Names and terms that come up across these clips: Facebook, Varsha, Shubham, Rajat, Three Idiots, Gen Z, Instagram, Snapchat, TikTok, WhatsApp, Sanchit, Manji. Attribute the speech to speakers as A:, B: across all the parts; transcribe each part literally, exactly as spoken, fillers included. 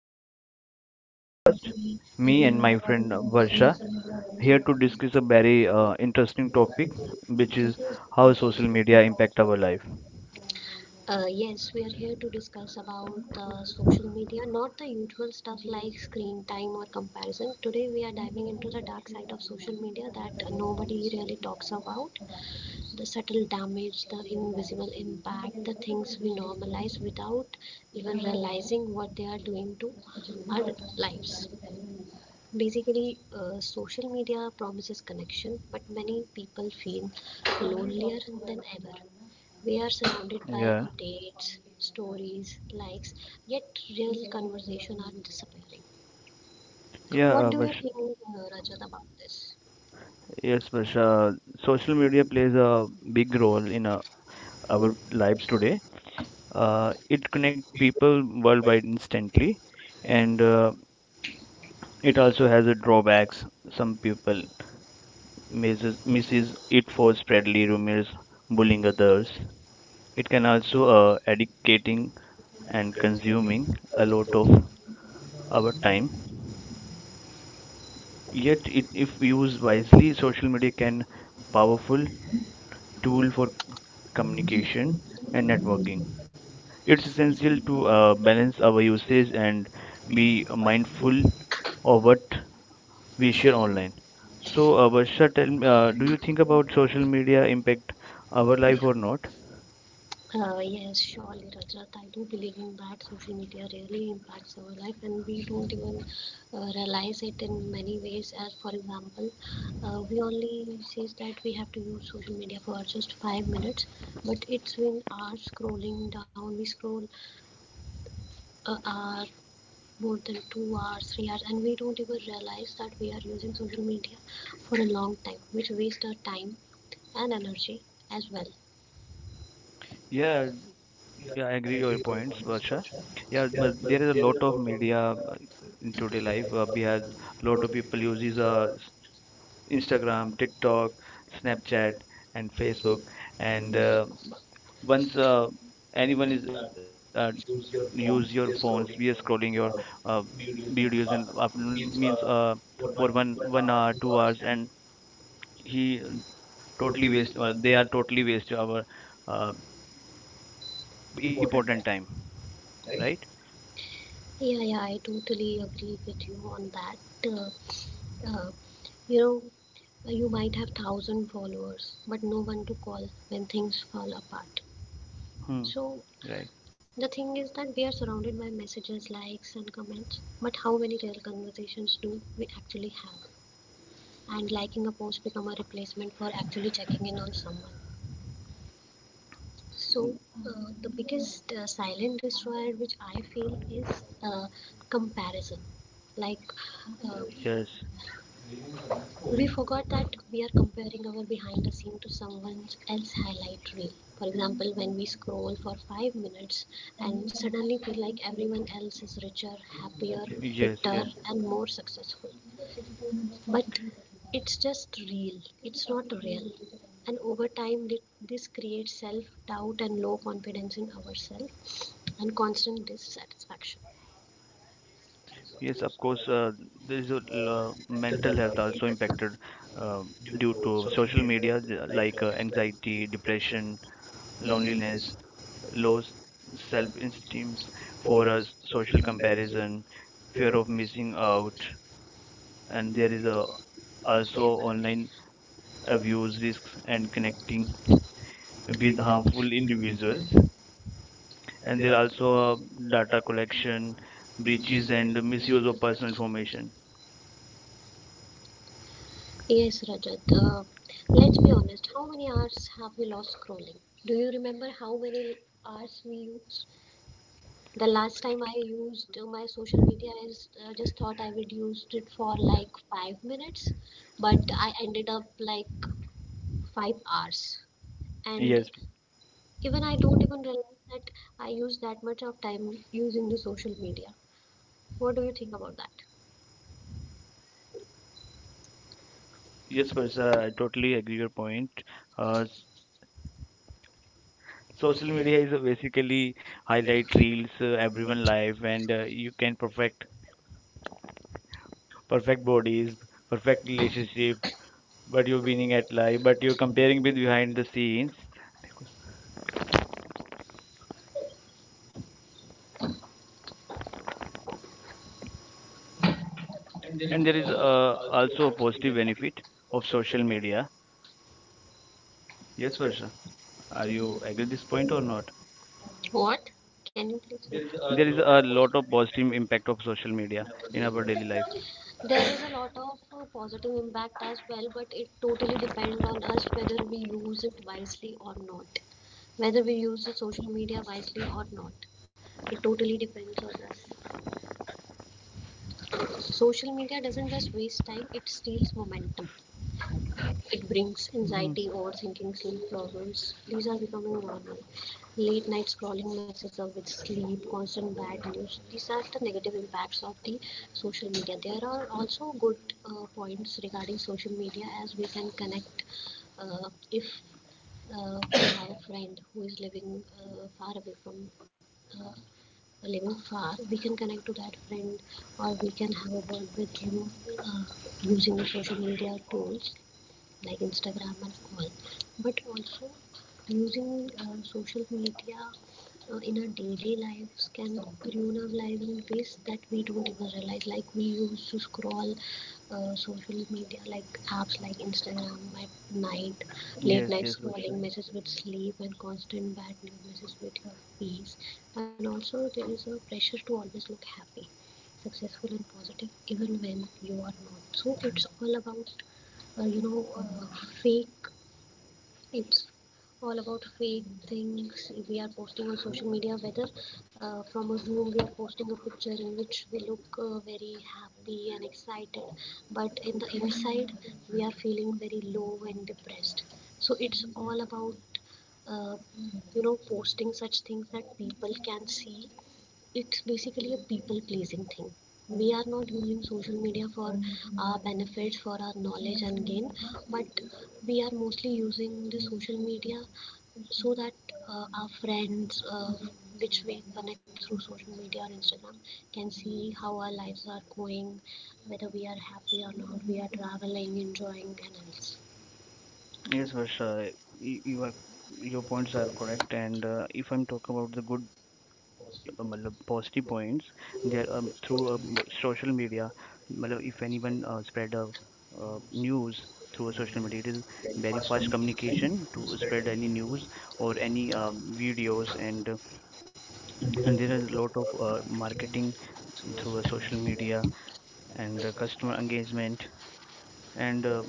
A: Um, welcome to our podcast. Me and my friend Varsha here to discuss a very uh, interesting topic, which is how social media impact our life.
B: Uh, yes, we are here to discuss about the social media, not the usual stuff like screen time or comparison. Today, we are diving into the dark side of social media that nobody really talks about. The subtle damage, the invisible impact, the things we normalize without even realizing what they are doing to our lives. Basically, uh, social media promises connection, but many people feel lonelier than ever. We are surrounded by
A: Yeah,
B: updates, stories, likes, yet real conversation are disappearing.
A: yeah,
B: What
A: uh,
B: do you
A: Varsha,
B: think, uh, Rajat, about this?
A: yes, Varsha. Social media plays a big role in uh, our lives today. Uh, it connects people worldwide instantly, and uh, it also has a drawbacks. Some people misses, misses it for spreadly rumors, bullying others. It
B: It can
A: can
B: also
A: also
B: uh,
A: uh,
B: educate in
A: educating and consuming a lot of our
B: uh,
A: time. Yet, it, if used wisely,
B: so
A: social
B: they
A: media
B: can
A: can
B: powerful
A: powerful
B: tool
A: tool
B: for
A: for
B: communication
A: communication
B: and
A: and
B: networking.
A: networking.
B: It's
A: It's
B: essential
A: essential
B: to
A: to
B: uh,
A: uh,
B: balance
A: balance
B: our way.
A: our usage and
B: Be
A: be
B: mindful
A: mindful of
B: of
A: what we
B: vision.
A: share online. So, uh,
B: So,
A: Varsha, tell me,
B: uh,
A: uh,
B: you
A: do you think
B: think
A: about
B: about.
A: social media impact our life or not?
B: Uh, yes, surely, Rajat. I do believe in that social media really impacts our life, and we don't even uh, realize it in many ways. As for example, uh, we only says that we have to use social media for just five minutes, but it's been hours scrolling down. We scroll a hour, more than two hours, three hours, and we don't even realize that we are using social media for a long time, which wastes our time and energy as well. Yeah,
A: Yeah,
B: yeah,
A: yeah, I
B: I
A: agree
B: agree with
A: your
B: your
A: points,
B: points, Varsha.
A: Varsha. Yeah,
B: Yeah, but
A: m-
B: there
A: there
B: is
A: is a
B: a
A: lot
B: lot
A: of
B: of
A: media
B: uh,
A: uh, in
B: to the
A: today life.
B: life.
A: Uh,
B: Uh,
A: we
B: we have
A: have
B: a
A: lot
B: lot
A: of
B: of people
A: people uses
B: uses
A: uh,
B: uh,
A: s- Instagram,
B: Instagram, TikTok,
A: TikTok,
B: Snapchat,
A: Snapchat,
B: and
A: and Facebook.
B: Facebook, and
A: And
B: uh,
A: uh,
B: once
A: once uh, anyone is uh,
B: you
A: use
B: use your
A: your phones,
B: phones,
A: we are scrolling your uh,
B: we-
A: videos and
B: our
A: up means
B: things are
A: uh, for one one hour, two hours, and he totally
B: totally.
A: waste. Uh,
B: Uh,
A: they
B: they are
A: are totally
B: totally
A: waste
B: this our
A: our
B: uh,
A: uh,
B: important
A: important
B: time,
A: time,
B: right?
A: right?
B: Yeah, yeah, I totally agree with you on that. Uh, uh, you know, you might have thousand followers, but no one to call when things fall apart.
A: Hmm.
B: So
A: Right.
B: the thing is that we are surrounded by messages, likes, and comments, but how many real conversations do we actually have? And liking a post become a replacement for actually checking in on someone. So, uh, the biggest uh, silent destroyer which I feel is uh, comparison. Like, uh,
A: Yes.
B: we forgot that we are comparing our behind the scene to someone else's highlight reel. For example, when we scroll for five minutes and suddenly feel like everyone else is richer, happier,
A: Yes, yes,
B: fitter, and more successful. But it's just real, it's not real. And over time, this creates self doubt and low confidence in ourselves and constant dissatisfaction
A: yes. Of course, uh, there is a l- uh, mental health also impacted uh,
B: due
A: due
B: to
A: to
B: social
A: social
B: media,
A: media, th-
B: like
A: like
B: uh,
A: uh,
B: anxiety,
A: anxiety,
B: depression,
A: depression, loneliness,
B: loneliness,
A: low
B: low self
A: self-esteem
B: for
A: for uh,
B: us
A: social
B: comparison,
A: comparison, fear of missing out, and
B: and there
A: there is a
B: is uh,
A: also
B: also
A: online abuse
B: abuse
A: risks
B: and
A: and
B: connect
A: connecting with
B: with harmful
A: harmful individuals,
B: individuals,
A: and there are also uh, data collection,
B: which
A: breaches,
B: is and.
A: and misuse of personal information.
B: Yes, Rajat. Uh, how many hours have we lost scrolling? Do you remember how many hours we used? The last time I used uh, my social media is uh, just thought I would used it for like five minutes, but I ended up like five hours. Yeah. And
A: Yes.
B: even I don't even realize that I use that much of time using the social media. What do you think about that?
A: Yes,
B: Yes, was uh,
A: Parsa, I totally agree your point. Uh,
B: uh,
A: s-
B: social
A: Social media
B: media
A: is a basically
B: highlight
A: highlight reels,
B: reels uh,
A: uh,
B: everyone
A: everyone life,
B: life
A: and
B: and
A: uh, you
B: uh,
A: can
B: incorporate.
A: perfect
B: Perfect
A: perfect
B: body,
A: bodies,
B: perfect
A: perfect
B: knees
A: relationship, but
B: but you're
A: you're
B: winning
A: winning
B: at
A: at life,
B: life,
A: but
B: but
A: you're
B: you're
A: comparing
B: comparing
A: with
B: with your hand in
A: behind the
B: the same way.
A: scenes. Because and
B: And
A: there is uh, also a positive benefit of social media.
B: yes,
A: Yes,
B: Varsha,
A: Parsa,
B: are
A: are
B: you
A: you
B: okay with
A: agree
B: this
A: this
B: point or
A: point
B: not?
A: or not?
B: What? Can you please? There is a
A: There is
B: lot
A: a
B: of
A: lot
B: positive
A: of
B: impact of
A: positive impact of social
B: social media in
A: media
B: our
A: in
B: daily
A: our daily life.
B: life. There is a lot of uh, positive impact as well, but it totally depends on us whether we use it wisely or not. Whether we use the social media wisely or not. It totally depends on us. Social media doesn't just waste time, it steals momentum. It brings anxiety,
A: Mm.
B: overthinking, sleep problems. These are becoming normal. Late night scrolling messes up with sleep, constant bad news. These are the negative impacts of the social media. There are also good uh, points regarding social media as we can connect uh, if uh, from our friend who is living uh, far away from uh, living far, we can connect to that friend or we can have a word with him uh, using the social media tools like Instagram and all, but also using uh, social media uh, in our daily lives can ruin our lives in ways that we don't even realize. Like we used to scroll uh, social media, like apps like Instagram at night, late night
A: Yes, yes,
B: scrolling
A: Parsa.
B: messes with sleep and constant bad news messes with your peace. And also there is a pressure to always look happy, successful and positive even when you are not. So it's all about uh, you know uh, fake, it's all about fake things we are posting on social media whether uh, from a room we are posting a picture in which we look uh, very happy and excited but in the inside we are feeling very low and depressed, so it's all about uh, you know posting such things that people can see. It's basically a people pleasing thing. We are not using social media for our benefits, for our knowledge and gain, but we are mostly using the social media so that uh, our friends uh, which we connect through social media or Instagram can see how our lives are going, whether we are happy or not, we are traveling, enjoying and else.
A: Yes,
B: Yes,
A: Varsha, y- you are your points are
B: uh,
A: correct. And uh, if I'm talking about the good, uh, matlab, positive points,
B: through
A: there um, through uh,
B: uh,
A: mo- social
B: social media,
A: media, matlab, if
B: even
A: anyone uh, spread
B: outside of
A: a uh,
B: news,
A: news through a
B: social
A: social media, it
B: media,
A: is
B: then
A: very fast
B: fast communication,
A: communication to
B: spread
A: spread any
B: any
A: news
B: news or
A: or
B: any
A: any
B: um,
A: um,
B: videos,
A: videos, and uh,
B: and,
A: and
B: and
A: there
B: there
A: is
B: are
A: a
B: a
A: lot
B: lot
A: of
B: of
A: uh,
B: uh, marketing
A: marketing through a
B: through
A: social
B: social media,
A: media
B: and
A: and uh,
B: that's
A: customer
B: why I'm
A: engagement and.
B: and uh,
A: Uh,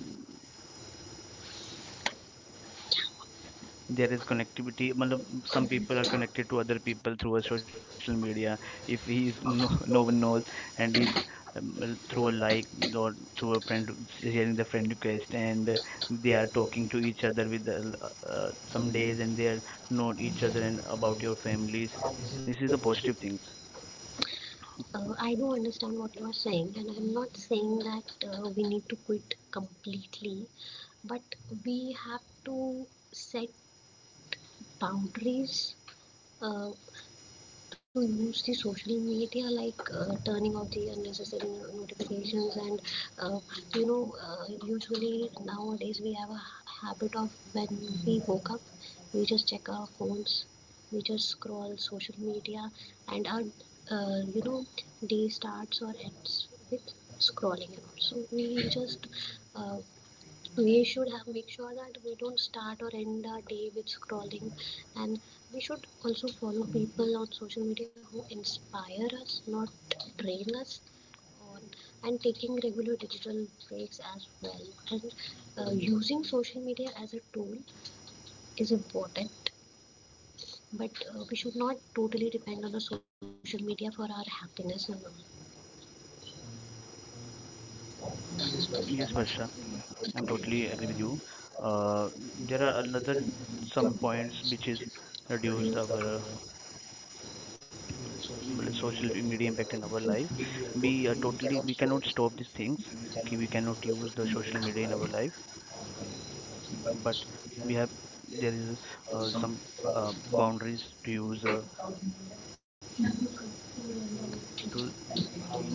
B: there
A: There is
B: is connect-
A: connectivity
B: people,
A: matlab, some
B: some
A: people
B: people are
A: are
B: connected
A: connected to
B: to
A: other
B: other
A: people
B: people.
A: through a social
B: It
A: media if he's
B: becomes
A: no, no
B: down
A: one
B: now
A: knows
B: as
A: and he's um, l- through
B: through
A: a
B: a
A: like
B: life or
A: or through
B: through
A: a
B: a
A: friend
B: family,
A: sharing the friend
B: happened because
A: request and uh, they
B: they
A: are
B: are-
A: talking
B: talking
A: to
B: to
A: each
B: each
A: other
B: other
A: with
B: with
A: uh, l-
B: uh,
A: uh, some
B: some
A: days
B: names and
A: and they
B: they
A: are
B: are
A: not
B: talking to
A: each
B: each
A: other
B: other
A: and
B: about
A: about your
B: your family.
A: families.
B: Somehow
A: This
B: this
A: is
B: is
A: the
B: a
A: positive
B: positive thing.
A: things.
B: Uh, I do understand what you are saying, and I'm not saying that uh, we need to quit completely, but we have to set boundaries uh, to use the social media like uh, turning off the unnecessary no- notifications and uh, you know uh, usually nowadays we have a habit of when we woke up we just check our phones, we just scroll social media and our uh, you know day starts or ends with scrolling and so we just uh, we should have make sure that we don't start or end our day with scrolling, and we should also follow people on social media who inspire us not drain us on, and taking regular digital breaks as well, and uh, using social media as a tool is important, but uh, we should not totally depend on the social media for our happiness and all. There
A: Yes, Varsha, I'm totally agree with you. uh, there
B: are
A: are another
B: certain
A: some points
B: points which
A: which is
B: is reduced
A: reduced
B: our
A: our uh, मतलब
B: resources
A: social
B: in very
A: media impact in
B: effective
A: our
B: way.
A: life. We
B: We are
A: are totally
B: totally, we
A: We
B: cannot
A: cannot
B: show
A: stop
B: this
A: these
B: thing.
A: things कि
B: We
A: we
B: cannot
A: cannot
B: use
A: use
B: the
A: the
B: social
A: social
B: media
A: media in
B: in
A: our
B: life.
A: life,
B: um, But
A: but
B: we
A: we
B: have
A: have there is
B: uh,
A: uh,
B: some
A: some
B: uh,
A: uh, boundaries
B: boundaries
A: to
B: in
A: use
B: the
A: uh,
B: um, uh,
A: to मतलब how many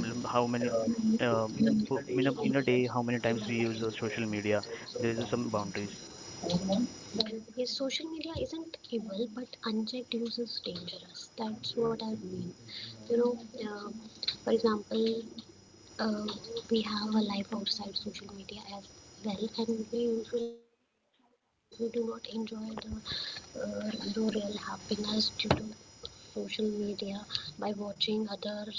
A: uh,
B: in a,
A: in a,
B: in
A: in
B: a
A: a day
B: day, how
A: how
B: many
A: many times
B: times
A: we
B: social
A: use uh,
B: media? There
A: social media. There
B: is
A: is
B: some
A: some boundaries.
B: boundary. His social media isn't evil, but unchecked use is dangerous. That's what I mean. You know, uh, for example, uh, we have a life outside social media as well, and we usually miss out that life. We do not enjoy the, uh, the real happiness due to social media by watching others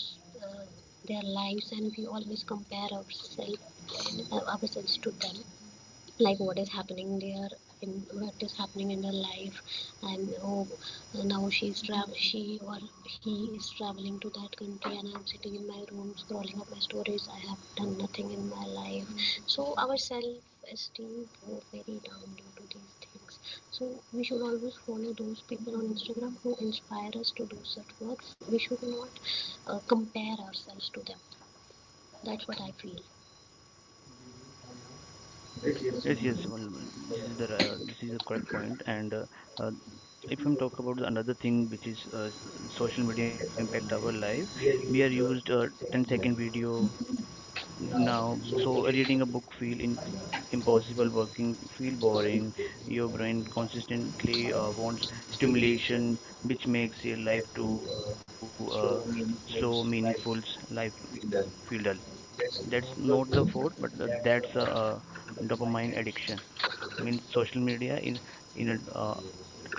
B: uh, their lives, and we always compare ourselves uh, ourselves to them. Like what is happening there, in what is happening in her life, and oh, now she's travel she or he is traveling to that country and I'm sitting in my room scrolling up my stories, I have done nothing in my life. So our self esteem goes very down due to these things. So we should always follow those people on Instagram who inspire us to do such works. We should not uh, compare ourselves to them. That's what I feel
A: Yes, yes, well, this is the uh, this is the correct point. And uh, uh, if
B: like
A: I'm talk about another thing which is uh, social media
B: uh,
A: impact our life,
B: we
A: we
B: are
A: are used
B: used uh,
A: uh, ten second
B: technology
A: video
B: now,
A: now.
B: so
A: So
B: already
A: reading a book feel in
B: impossible
A: impossible,
B: for
A: working feel boring. Your brain consistently uh,
B: uh,
A: wants
B: stimulation
A: stimulation,
B: which
A: which makes your
B: will lead
A: life
B: to
A: too
B: uh,
A: uh,
B: slow,
A: slow,
B: meaningful
A: meaningful. Life
B: life
A: feel
B: being done.
A: dull. That's
B: That's
A: not
B: not the
A: the fault,
B: goal,
A: but
B: but
A: uh,
B: that
A: that's a, uh dopamine addiction. Means social media in in a,
B: that
A: uh,
B: uh,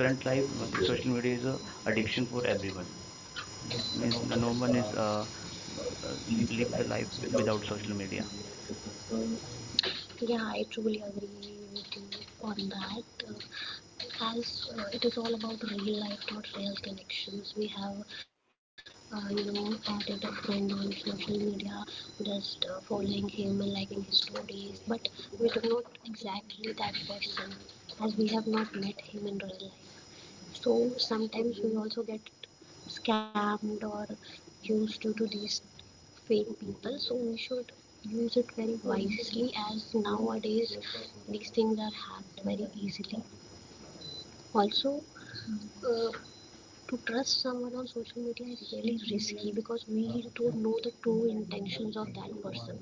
A: current life.
B: life,
A: Well,
B: especially
A: social media is a
B: addiction
A: addiction for
B: for
A: everyone
B: everyone.
A: means no
B: The
A: no
B: normal
A: one is
B: is uh,
A: uh, uh,
B: uh,
A: live the
B: the
A: life
B: license without
A: without social media.
B: yeah, I truly agree with you on that. Uh, as uh, it is all about real life, not real connections. We have, uh, you know, added a friend on social media, just uh, following him and liking his stories, but we do not exactly that person as we have not met him in real life. So sometimes we also get scammed or used due to these fake people, so we should use it very wisely as nowadays these things are hacked very easily also. uh, to trust someone on social media is really risky because we don't know the true intentions of that person.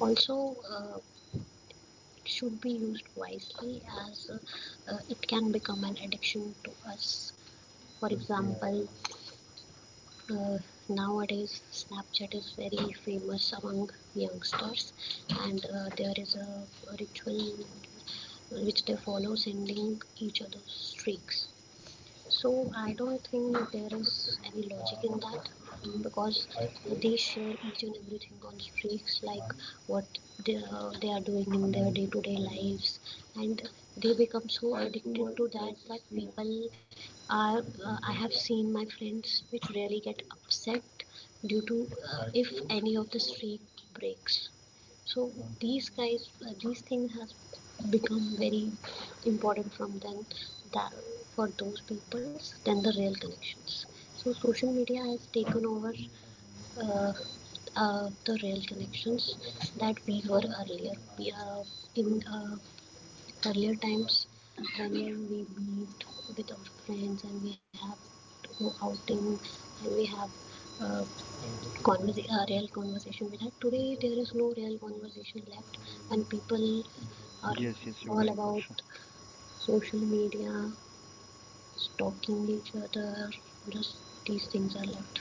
B: Also, uh, should be used wisely as uh, uh, it can become an addiction to us. For example, uh, nowadays Snapchat is very famous among youngsters, and uh, there is a ritual which they follow, sending each other streaks. So I don't think there is any logic in that, because they share each and everything on streaks, like what they, uh, they are doing in their day-to-day lives, and they become so addicted to that that people are, uh, I have seen my friends which really get upset due to uh, if any of the streak breaks. So these guys, uh, these things has become very important from then, that for those peoples than the real connections. So social media has taken over uh, uh, the real connections that we were earlier. We, uh, in uh, earlier times, whenever we meet with our friends and we have to go outing and we have uh, conversa- uh, real conversation with her. Today there is no real conversation left, and people are
A: Yes, yes, you're
B: all
A: right, Harsh.
B: about social media, stalking each other. Just these things are left.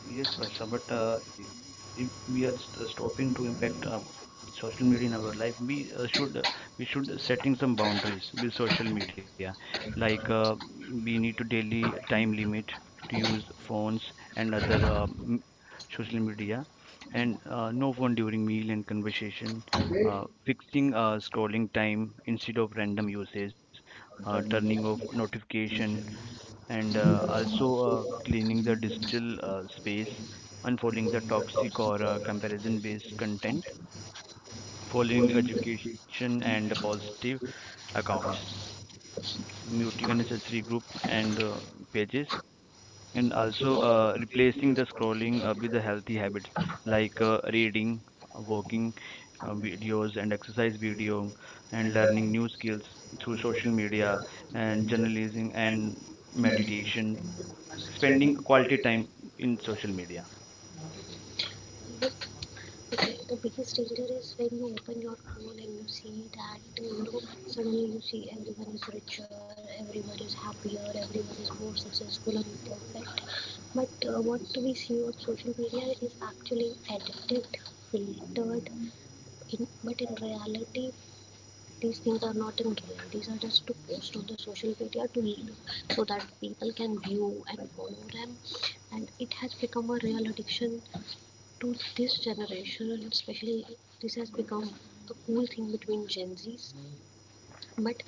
A: Yes,
B: Yes,
A: Varsha, but
B: but
A: uh,
B: uh,
A: i- if we
B: we
A: are
B: are
A: st- stopping
B: stopping
A: to impact
B: right
A: uh, social media in our life, we uh, should uh, we should setting some
B: in our
A: boundaries with social
B: life.
A: media. Like uh, we need to daily time limit to use phones and other uh, m- social media, and uh, no phone during meal and conversation. Uh, fixing uh, scrolling time instead of random uses. Uh,
B: During
A: turning
B: the
A: off
B: presentation,
A: notification and
B: and
A: uh,
B: uh, also
A: also
B: uh,
A: uh,
B: we
A: cleaning the
B: can,
A: digital uh, space,
B: and
A: unfolding
B: polling
A: the
B: the tops
A: toxic
B: for
A: or
B: uh,
A: uh, comparison
B: the
A: based
B: content,
A: content, following
B: polling education
A: education
B: and
A: and
B: awards to
A: positive accounts,
B: accounts.
A: muting unnecessary group and uh, pages,
B: And
A: and
B: also,
A: also
B: uh,
A: uh,
B: if taking the,
A: replacing the scrolling uh, with the healthy habits
B: like
A: like
B: uh,
A: uh,
B: eight,
A: reading, uh, walking uh, videos, and exercise
B: exercise, beauty,
A: video, and
B: and
A: learning
B: learning,
A: new skills through social media
B: yeah,
A: and journalism and
B: meditation,
A: meditation spending
B: spending
A: quality
B: quality
A: time
B: time.
A: in social media.
B: The biggest danger is when you open your phone and you see that, you know, suddenly you see everyone is richer, everyone is happier, everyone is more successful and perfect. But uh, what we see on social media is actually edited, filtered in, but in reality these things are not in real. These are just to post on the social media to, so that people can view and follow them, and it has become a real addiction to this generation. And especially this has become the cool thing between Gen Zs, but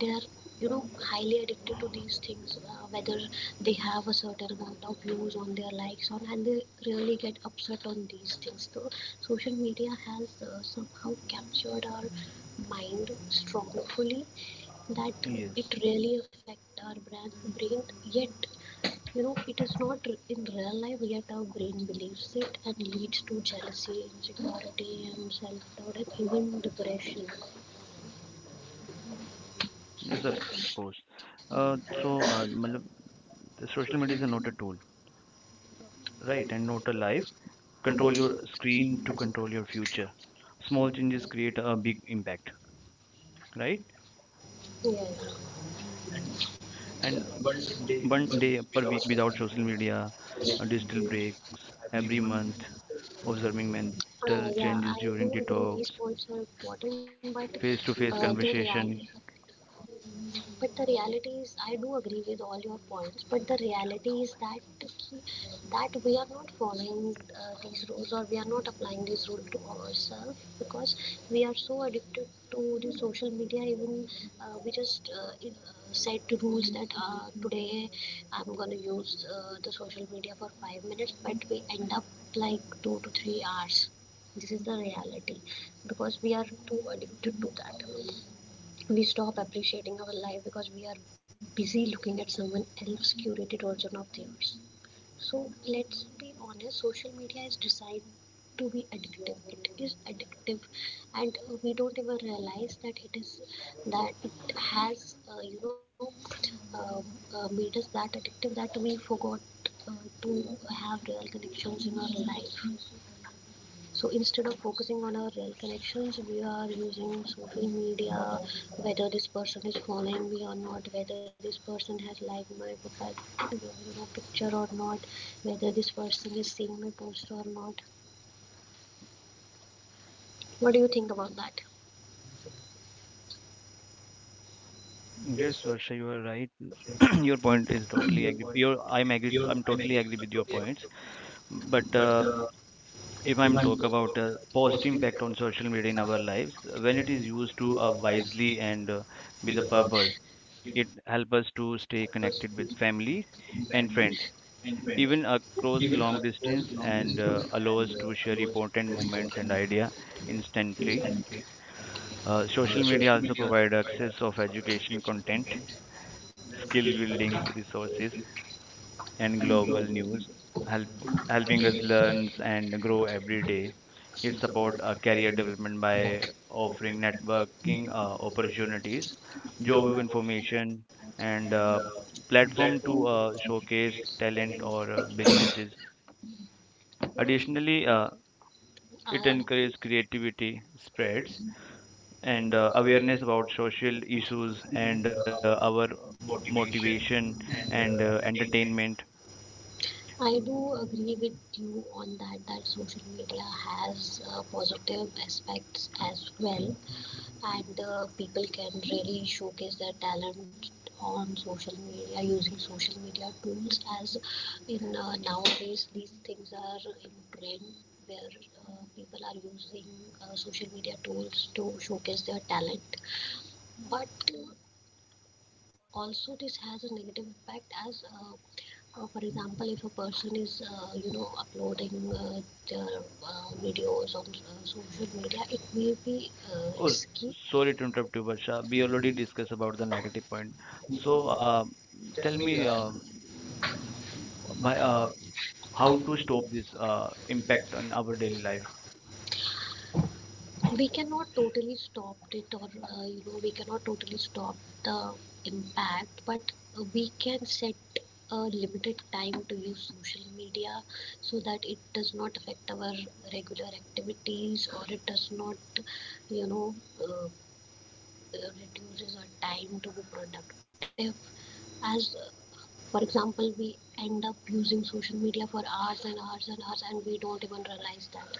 B: they are, you know, highly addicted to these things, uh, whether they have a certain amount of views on their likes on, and they really get upset on these things. So social media has uh, somehow captured our mind strongly, that
A: Yes,
B: it really affects our brain, brain. Yet, you know, it is not in real life, yet our brain believes it and leads to jealousy, insecurity, and self-doubt, and even depression.
A: yes, of course.
B: Control
A: Uh, so, uh, matlab, the social media is not a tool, right? And not a life.
B: your
A: Control your screen
B: pain,
A: to
B: et cetera.
A: control your future. Small
B: Small thing.
A: changes create a big impact, right?
B: Yeah. And,
A: And
B: but
A: one day per week without social
B: with,
A: media, uh, digital breaks every month, observing mental
B: Uh, yeah,
A: changes
B: I
A: during
B: do agree
A: detox,
B: these points are important, but uh,
A: face-to-face
B: the reality
A: conversation.
B: but the reality is, I do agree with all your points, but the reality is that that we are not following uh, these rules, or we are not applying these rules to ourselves, because we are so addicted to the social media. Even uh, we just uh, in- uh, set rules that uh, today I'm going to use uh, the social media for five minutes, but we end up like two to three hours. This is the reality, because we are too addicted to that. We stop appreciating our life because we are busy looking at someone else's curated version of theirs. So let's be honest, social media is designed to be addictive. It is addictive, and uh, we don't even realize that it is that it has, uh, you know um uh, made us that addictive that we forgot uh, to have real connections in our life. So instead of focusing on our real connections, we are using social media, whether this person is following me or not, whether this person has liked my profile, you know, picture or not, whether this person is seeing my post or not. What do you think about that?
A: Yes,
B: Yes,
A: Varsha, you are right.
B: sir.
A: Your
B: you,
A: point is totally agree. Your,
B: you,
A: I'm agree. I'm totally agree with your points. But
B: but
A: uh, if I'm
B: even though
A: talk
B: the
A: about uh, positive
B: posting
A: impact on social media in
B: in our
A: our
B: life.
A: lives, when
B: When
A: it
B: it
A: is
B: is
A: used
B: to
A: to uh,
B: our
A: wisely
B: wisely and
A: and uh, with
B: with
A: a
B: a
A: purpose,
B: purpose,
A: it
B: it
A: help
B: helps us
A: us
B: to
A: to
B: stay
A: stay connected
B: connected
A: with
B: with family
A: family and
B: and
A: friends,
B: friends. Even
A: even
B: a
A: across
B: course long
A: long distance,
B: distance, and
A: and uh,
B: uh,
A: allow us
B: allows
A: to share
B: shared
A: important
B: content
A: moments and idea
B: instantly.
A: instantly. Uh,
B: Uh,
A: social
B: social
A: media
B: media
A: also
B: also
A: provide
B: provides
A: access
B: us
A: of
B: of
A: education
B: educational
A: content,
B: content,
A: skill
B: skill building,
A: building
B: so,
A: resources, and
B: and globe.
A: global news, help, helping
B: Helping
A: us
B: us learn
A: learn and
B: and grow
A: grow every
B: every day.
A: day.
B: We
A: It support
B: support
A: uh,
B: a
A: career
B: career development
A: development by
B: by offering
A: offering
B: and
A: networking
B: working uh,
A: uh, opportunities,
B: opportunities,
A: job
B: job information,
A: information, and
B: and uh,
A: uh, platform
B: platform to
A: to
B: uh,
A: uh, showcase
B: showcase
A: talent
B: talent
A: or
B: for
A: uh,
B: us.
A: businesses.
B: Additionally,
A: Additionally,
B: uh,
A: uh,
B: Uh.
A: it
B: we
A: encourages
B: encourage
A: creativity spreads
B: friends,
A: and
B: and uh,
A: uh, awareness
B: awareness of
A: about
B: social
A: social issues
B: issues,
A: and
B: and
A: uh,
B: uh,
A: our
B: our motivation,
A: motivation and
B: and uh,
A: uh,
B: entertainment.
A: entertainment.
B: I do agree with you on that, that social media has uh, positive aspects as well, and uh, people can really showcase their talent on social media using social media tools. As in uh, nowadays, these things are in trend where uh, people are using uh, social media tools to showcase their talent. But uh, also this has a negative impact, as uh, uh, for example, if a person is, uh, you know uploading uh, their uh, videos on uh, social media, it may be uh,
A: Oh,
B: risky.
A: sorry
B: Sorry
A: to
B: to
A: interrupt you, Barsha.
B: interrupt.
A: We
B: We are
A: already
B: reading.
A: discussed about the negative point. So
B: So,
A: uh,
B: uh,
A: tell
B: tell
A: me,
B: me
A: uh,
B: um, my,
A: by, uh,
B: uh,
A: how
B: how
A: to
B: to stop
A: stop this
B: uh,
A: uh, impact
B: infection
A: on
B: in
A: our
B: our
A: daily
B: daily
A: life?
B: life. We cannot totally stop it, or uh, you know we cannot totally stop the impact, but we can set a limited time to use social media so that it does not affect our regular activities, or it does not, you know uh, uh, reduces our time to be productive. As uh, for example, we end up using social media for hours and hours and hours, and we don't even realize that.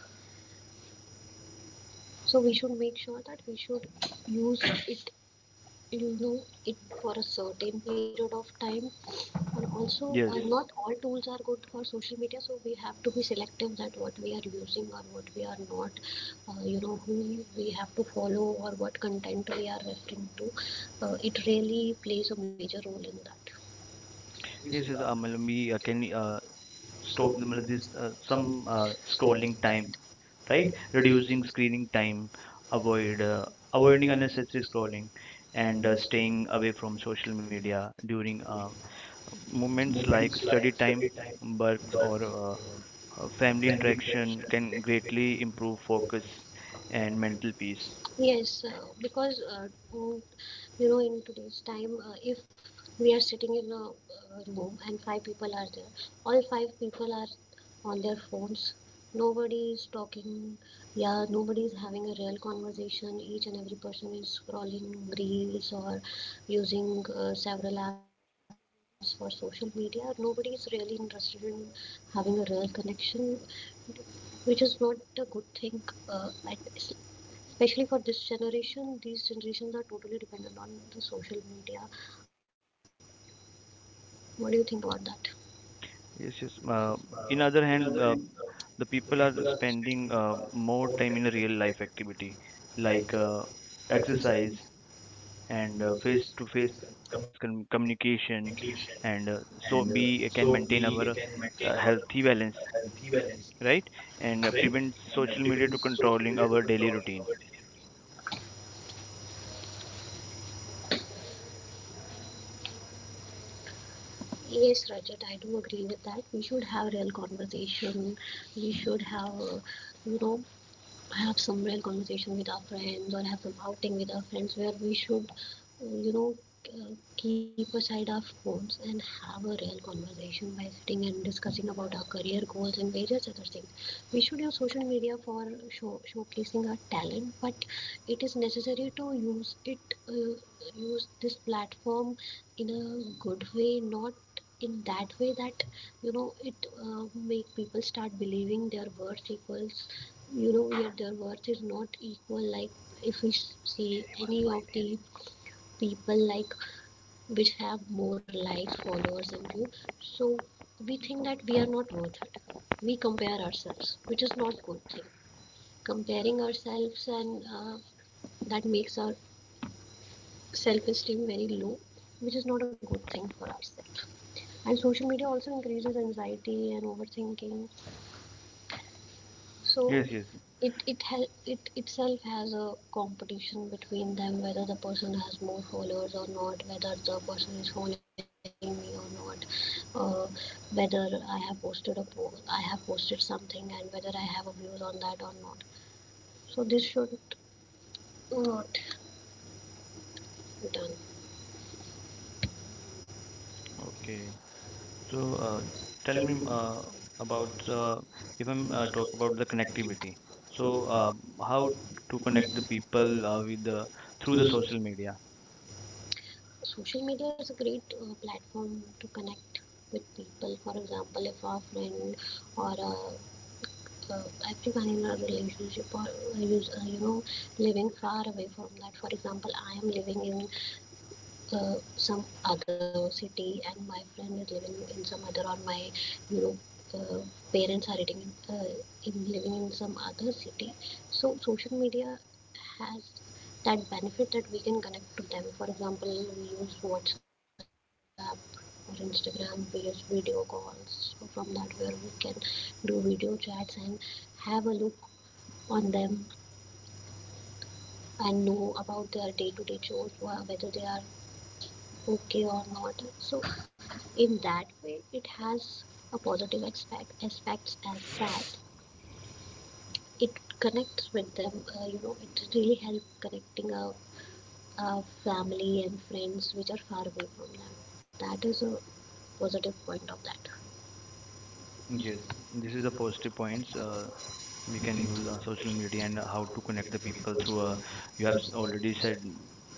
B: So we should make sure that we should use it, you know, it for a certain period of time. And also, uh,
A: Yes.
B: not all tools are good for social media, so we have to be selective that what we are using or what we are not, uh, you know who we have to follow or what content we are referring to. Uh, it really plays a major role in that.
A: Yes,
B: This
A: yes,
B: is a
A: Amal, we uh, can uh, stop the
B: stone,
A: मतलब this, uh,
B: some
A: some uh,
B: stoning
A: scrolling time,
B: content,
A: right?
B: right?
A: Reducing
B: Reducing screen
A: screening
B: time,
A: time,
B: avoid
A: avoid uh,
B: uh,
A: avoiding
B: avoiding
A: unnecessary
B: unnecessary scrolling,
A: scrolling, and
B: and
A: uh,
B: uh, staying
A: staying
B: away
A: away
B: from
A: from social
B: social media
A: media
B: during
A: during uh,
B: uh,
A: moments
B: moments
A: like
B: like
A: study
B: study time,
A: time,
B: but
A: work, or
B: uh,
A: uh, uh, family
B: family interaction
A: interaction
B: that
A: can
B: quickly
A: greatly improve focus
B: focus
A: and
B: and mental
A: mental peace.
B: peace. Yes, uh, because uh, mm, you know, in today's time, uh, if we are sitting in a uh, room and five people are there, all five people are on their phones. Nobody is talking. Yeah, nobody is having a real conversation. Each and every person is scrolling reels or using uh, several apps for social media. Nobody is really interested in having a real connection, which is not a good thing. Uh, at, especially for this generation, these generations are totally dependent on the social media. What do you think about that?
A: Yes, yes. Uh,
B: This is,
A: in other
B: uh,
A: hand, uh,
B: in other hand,
A: the
B: uh,
A: people are
B: the people are
A: spending uh,
B: spending
A: more
B: uh,
A: time in a real
B: more
A: life
B: time in
A: activity
B: like
A: like uh,
B: like uh,
A: exercise
B: exercise
A: and uh,
B: and uh,
A: face-to-face
B: face
A: com-
B: to face
A: communication,
B: communication,
A: and uh,
B: and
A: so
B: uh,
A: we
B: so
A: can
B: we
A: maintain
B: can
A: our
B: maintain our
A: uh, healthy
B: uh,
A: balance,
B: healthy balance,
A: right? And
B: right?
A: uh, prevent
B: And uh,
A: social
B: prevent
A: media to
B: social media
A: controlling
B: to
A: our
B: control
A: daily
B: our
A: routine.
B: daily routine. Yes, Rajat, I do agree with that. We should have real conversation. We should have, you know, have some real conversation with our friends or have some outing with our friends where we should, uh, you know, uh, keep aside our phones and have a real conversation by sitting and discussing about our career goals and various other things. We should use social media for show, showcasing our talent, but it is necessary to use it, uh, use this platform in a good way, not in that way that, you know, it uh, make people start believing their worth equals, you know, yeah, their worth is not equal. Like if we see any of the people like which have more likes, followers, and view, so we think that we are not worth it. We compare ourselves, which is not good thing, comparing ourselves, and uh, that makes our self esteem very low, which is not a good thing for ourselves. And social media also increases anxiety and overthinking, so.
A: Yes,
B: Yes, yes.
A: yes.
B: It it hel- it itself has a competition between them, whether the person has more followers or not, whether the person is following me or not, uh, whether i have posted a po- I have posted something, and whether I have a views on that or not. So this should not be done.
A: Okay. So,
B: So, uh,
A: uh, tell
B: tell
A: me
B: me uh,
A: uh, about
B: about
A: uh, if I'm
B: uh,
A: uh,
B: uh,
A: talk about the
B: doctor.
A: connectivity. So,
B: So, uh,
A: uh, how
B: how
A: to
B: to
A: connect
B: connect
A: the
B: with
A: people uh,
B: people
A: with the through
B: through the
A: the
B: social
A: social
B: media?
A: media?
B: Social media is a great uh, platform to connect with people. For example, if our friend or a uh, everyone in our relationship or uh, use, uh, you know living far away from that. For example, I am living in uh, some other city and my friend is living in some other, or my you know uh, parents are living in, uh, in living in some other city. So social media has that benefit, that we can connect to them. For example, we use WhatsApp or Instagram, we use video calls, so from that where we can do video chats and have a look on them and know about their day-to-day chores, wha- whether they are okay or not. So in that way it has a positive aspect aspects as that it connects with them. Uh, you know, it really helps connecting a, a family and friends which are far away from them. That is a positive point of that.
A: Yes,
B: Yes,
A: this
B: this
A: is the
B: is a person
A: positive points. Uh, we
B: you
A: can
B: can do,
A: use uh, social media
B: unfortunately,
A: and uh, how
B: how
A: to
B: to get
A: connect the
B: the
A: people
B: people, so
A: through uh, you have s-
B: jobs or the
A: already
B: things
A: said
B: that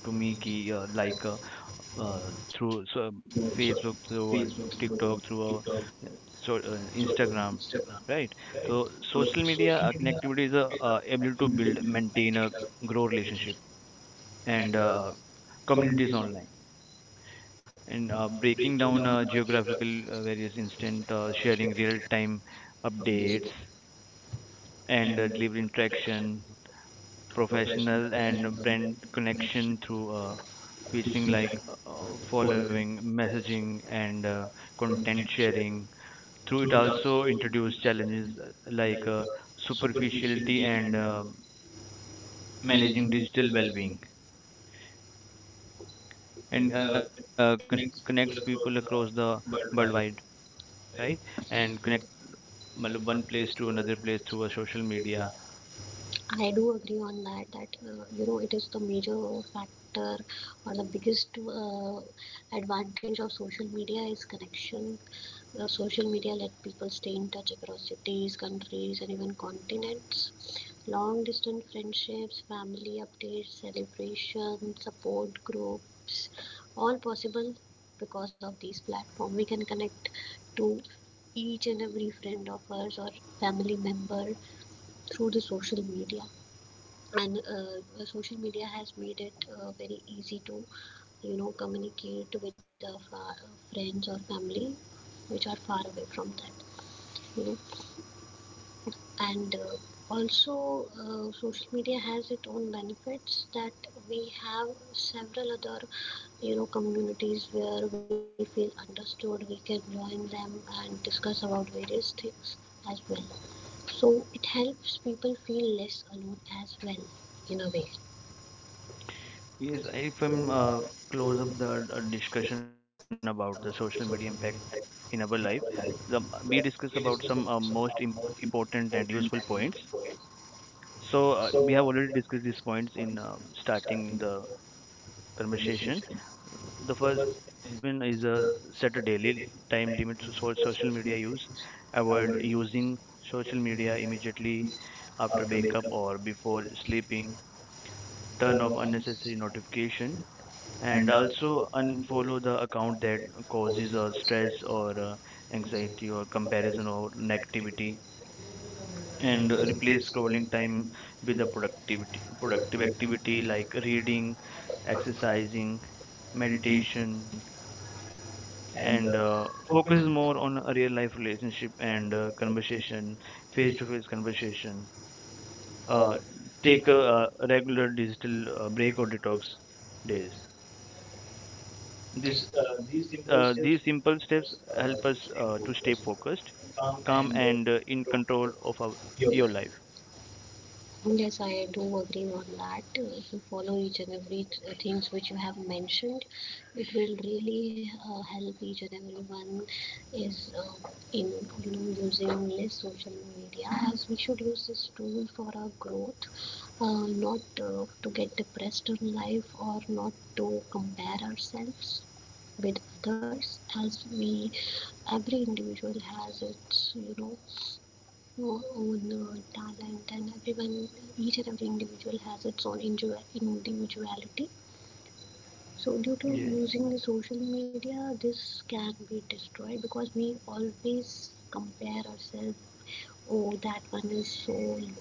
A: to
B: we
A: me ki, uh,
B: like,
A: like uh,
B: uh,
A: uh,
B: you
A: through
B: know,
A: so,
B: so
A: um, Facebook
B: Facebook,
A: through uh,
B: uh,
A: TikTok
B: TikTok,
A: through uh, so
B: so on.
A: uh, Instagram,
B: Right?
A: right. So
B: So
A: social
B: social
A: media uh, connectivity is uh, uh, able to
B: community
A: build
B: build
A: maintain a grow relationship and
B: and
A: uh, communities
B: communities on
A: online and uh, breaking
B: down
A: down uh, geographical uh, various instant uh, sharing real time
B: of
A: updates and
B: and
A: uh, delivery interaction
B: professional
A: professional
B: and
A: and
B: um,
A: brand connection through uh, featuring like
B: like
A: uh,
B: following
A: following, messaging, and uh,
B: content
A: content sharing. Through
B: through
A: it
B: it all
A: also introduce challenges uh, like uh, superficiality
B: superficiality
A: and um
B: and
A: managing
B: managing this
A: digital well-being
B: well
A: and
B: and
A: uh,
B: uh,
A: con- connects people across the worldwide, right? And connect
B: and one,
A: matlab, one
B: one
A: place
B: place to
A: to
B: another
A: another place
B: place
A: through a
B: for
A: social
B: social media.
A: media.
B: I do agree on that, that uh, you know, it is the major factor or the biggest uh, advantage of social media is connection. Uh, social media let people stay in touch across cities, countries, and even continents. Long distance friendships, family updates, celebrations, support groups, all possible because of these platforms. We can connect to each and every friend of ours or family member through the social media. And uh, social media has made it uh, very easy to, you know, communicate with our fa- friends or family which are far away from that, you know. And uh, also uh, social media has its own benefits, that we have several other, you know, communities where we feel understood. We can join them and discuss about various things as well, so it helps people feel less alone as well, in a way.
A: Yes, if
B: Real
A: I'm
B: estate
A: uh, close up the uh, discussion about the social media impact in our life. The, we discussed about some
B: options
A: uh,
B: are
A: most
B: most
A: im- important
B: important
A: and
B: and
A: useful
B: useful for.
A: points. So
B: So
A: uh,
B: uh,
A: we
B: we
A: have
B: have
A: already
B: to these
A: discussed these
B: points
A: points in
B: in
A: uh, starting the conversation.
B: conversation.
A: The
B: The
A: first
B: first
A: one is
B: is a
A: uh, set a daily time limit
B: which
A: to
B: is
A: so-
B: what
A: social
B: social
A: media use.
B: issues
A: Avoid using social media immediately after
B: after
A: wake up
B: becoming
A: or before sleeping. Turn
B: turn
A: off
B: off on
A: unnecessary notification and
B: and also
A: also unfollow the account that causes
B: causes
A: uh,
B: a
A: stress
B: stress
A: or uh,
B: and
A: anxiety or
B: comparison
A: comparison or negativity and
B: and
A: replace
B: replace
A: scrolling time
B: time
A: with a productivity
B: for
A: productive
B: reflection,
A: activity like reading
B: exercise,
A: exercising
B: meditation,
A: meditation and
B: and uh,
A: uh, focus
B: focus
A: more
B: on
A: on a real life relationship and uh, conversation face to face conversation. uh,
B: uh,
A: Take
B: take
A: a,
B: the
A: uh regular digital uh, break or detox
B: first days.
A: days.
B: This, uh,
A: This,
B: these simple
A: uh,
B: steps,
A: these simple steps
B: uh,
A: help us uh, to stay focused,
B: calm and uh, in
A: calm, and
B: control
A: uh, in control
B: of
A: of
B: your
A: our,
B: life.
A: your life.
B: And yes, I do agree on that. If you follow each and every th- things which you have mentioned, it will really uh, help each and everyone is uh, in, you know, using less social media, as we should use this tool for our growth, uh, not uh, to get depressed in life or not to compare ourselves with others. As we every individual has its, you know, o- own uh, talent and everyone, each and every individual has its own individuality. So due to using the social
A: Yes.
B: media, this can be destroyed because we always compare ourselves. Oh, that one is so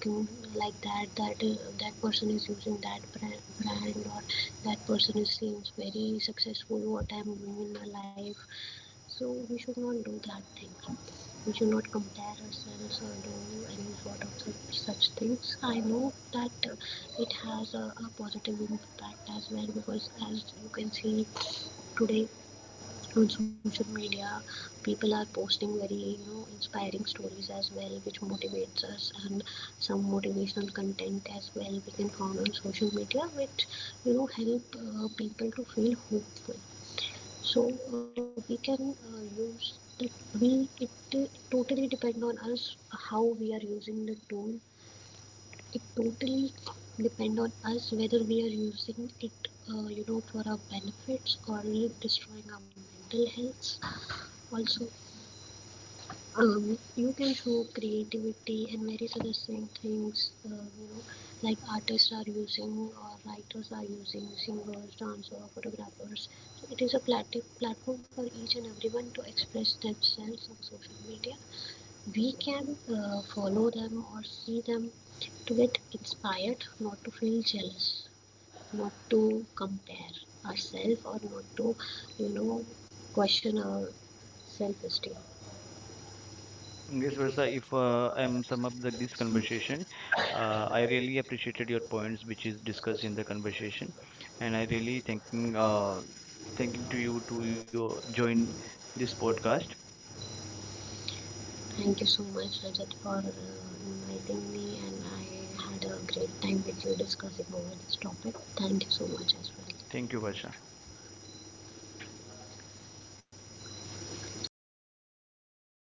B: good, like that, that uh, that person is using that brand, or that person is seems very successful, what I'm doing in my life. So we should not do that thing, we should not compare ourselves or do any sort of such, such things. I know that uh, it has a, a positive impact as well, because as you can see today on social media people are posting very, you know, inspiring stories as well, which motivates us, and some motivational content as well we can find on social media, which, you know, help uh, people to feel hopeful. So uh, we can uh, use the we it, it totally depend on us how we are using the tool. It totally depend on us whether we are using it, uh, you know, for our benefits or destroying our mental health also. Um, you can show creativity and various other thing- things, uh, you know, like artists are using, or writers are using, singers, dancers, photographers. So it is a plat- platform for each and everyone to express themselves on social media. We can uh, follow them or see them to get inspired, not to feel jealous, not to compare ourselves, or not to, you know, question our self-esteem. This was a
A: Yes, Versa, if uh, I'm sum up the,
B: distinguished.
A: this
B: Uh,
A: conversation,
B: I really
A: uh, I really appreciated your points
B: discussing.
A: which is discussed in the
B: I
A: conversation,
B: really
A: and I
B: uh,
A: really thanking uh,
B: thank you
A: thanking to
B: to
A: you to
B: join
A: your
B: this
A: join
B: podcast.
A: this podcast.
B: Thank you so much, Rajat, for uh, inviting me, and I had a great time with you discussing over this topic. Thank you so much as well. Thank you much.
A: Thank you, Versa.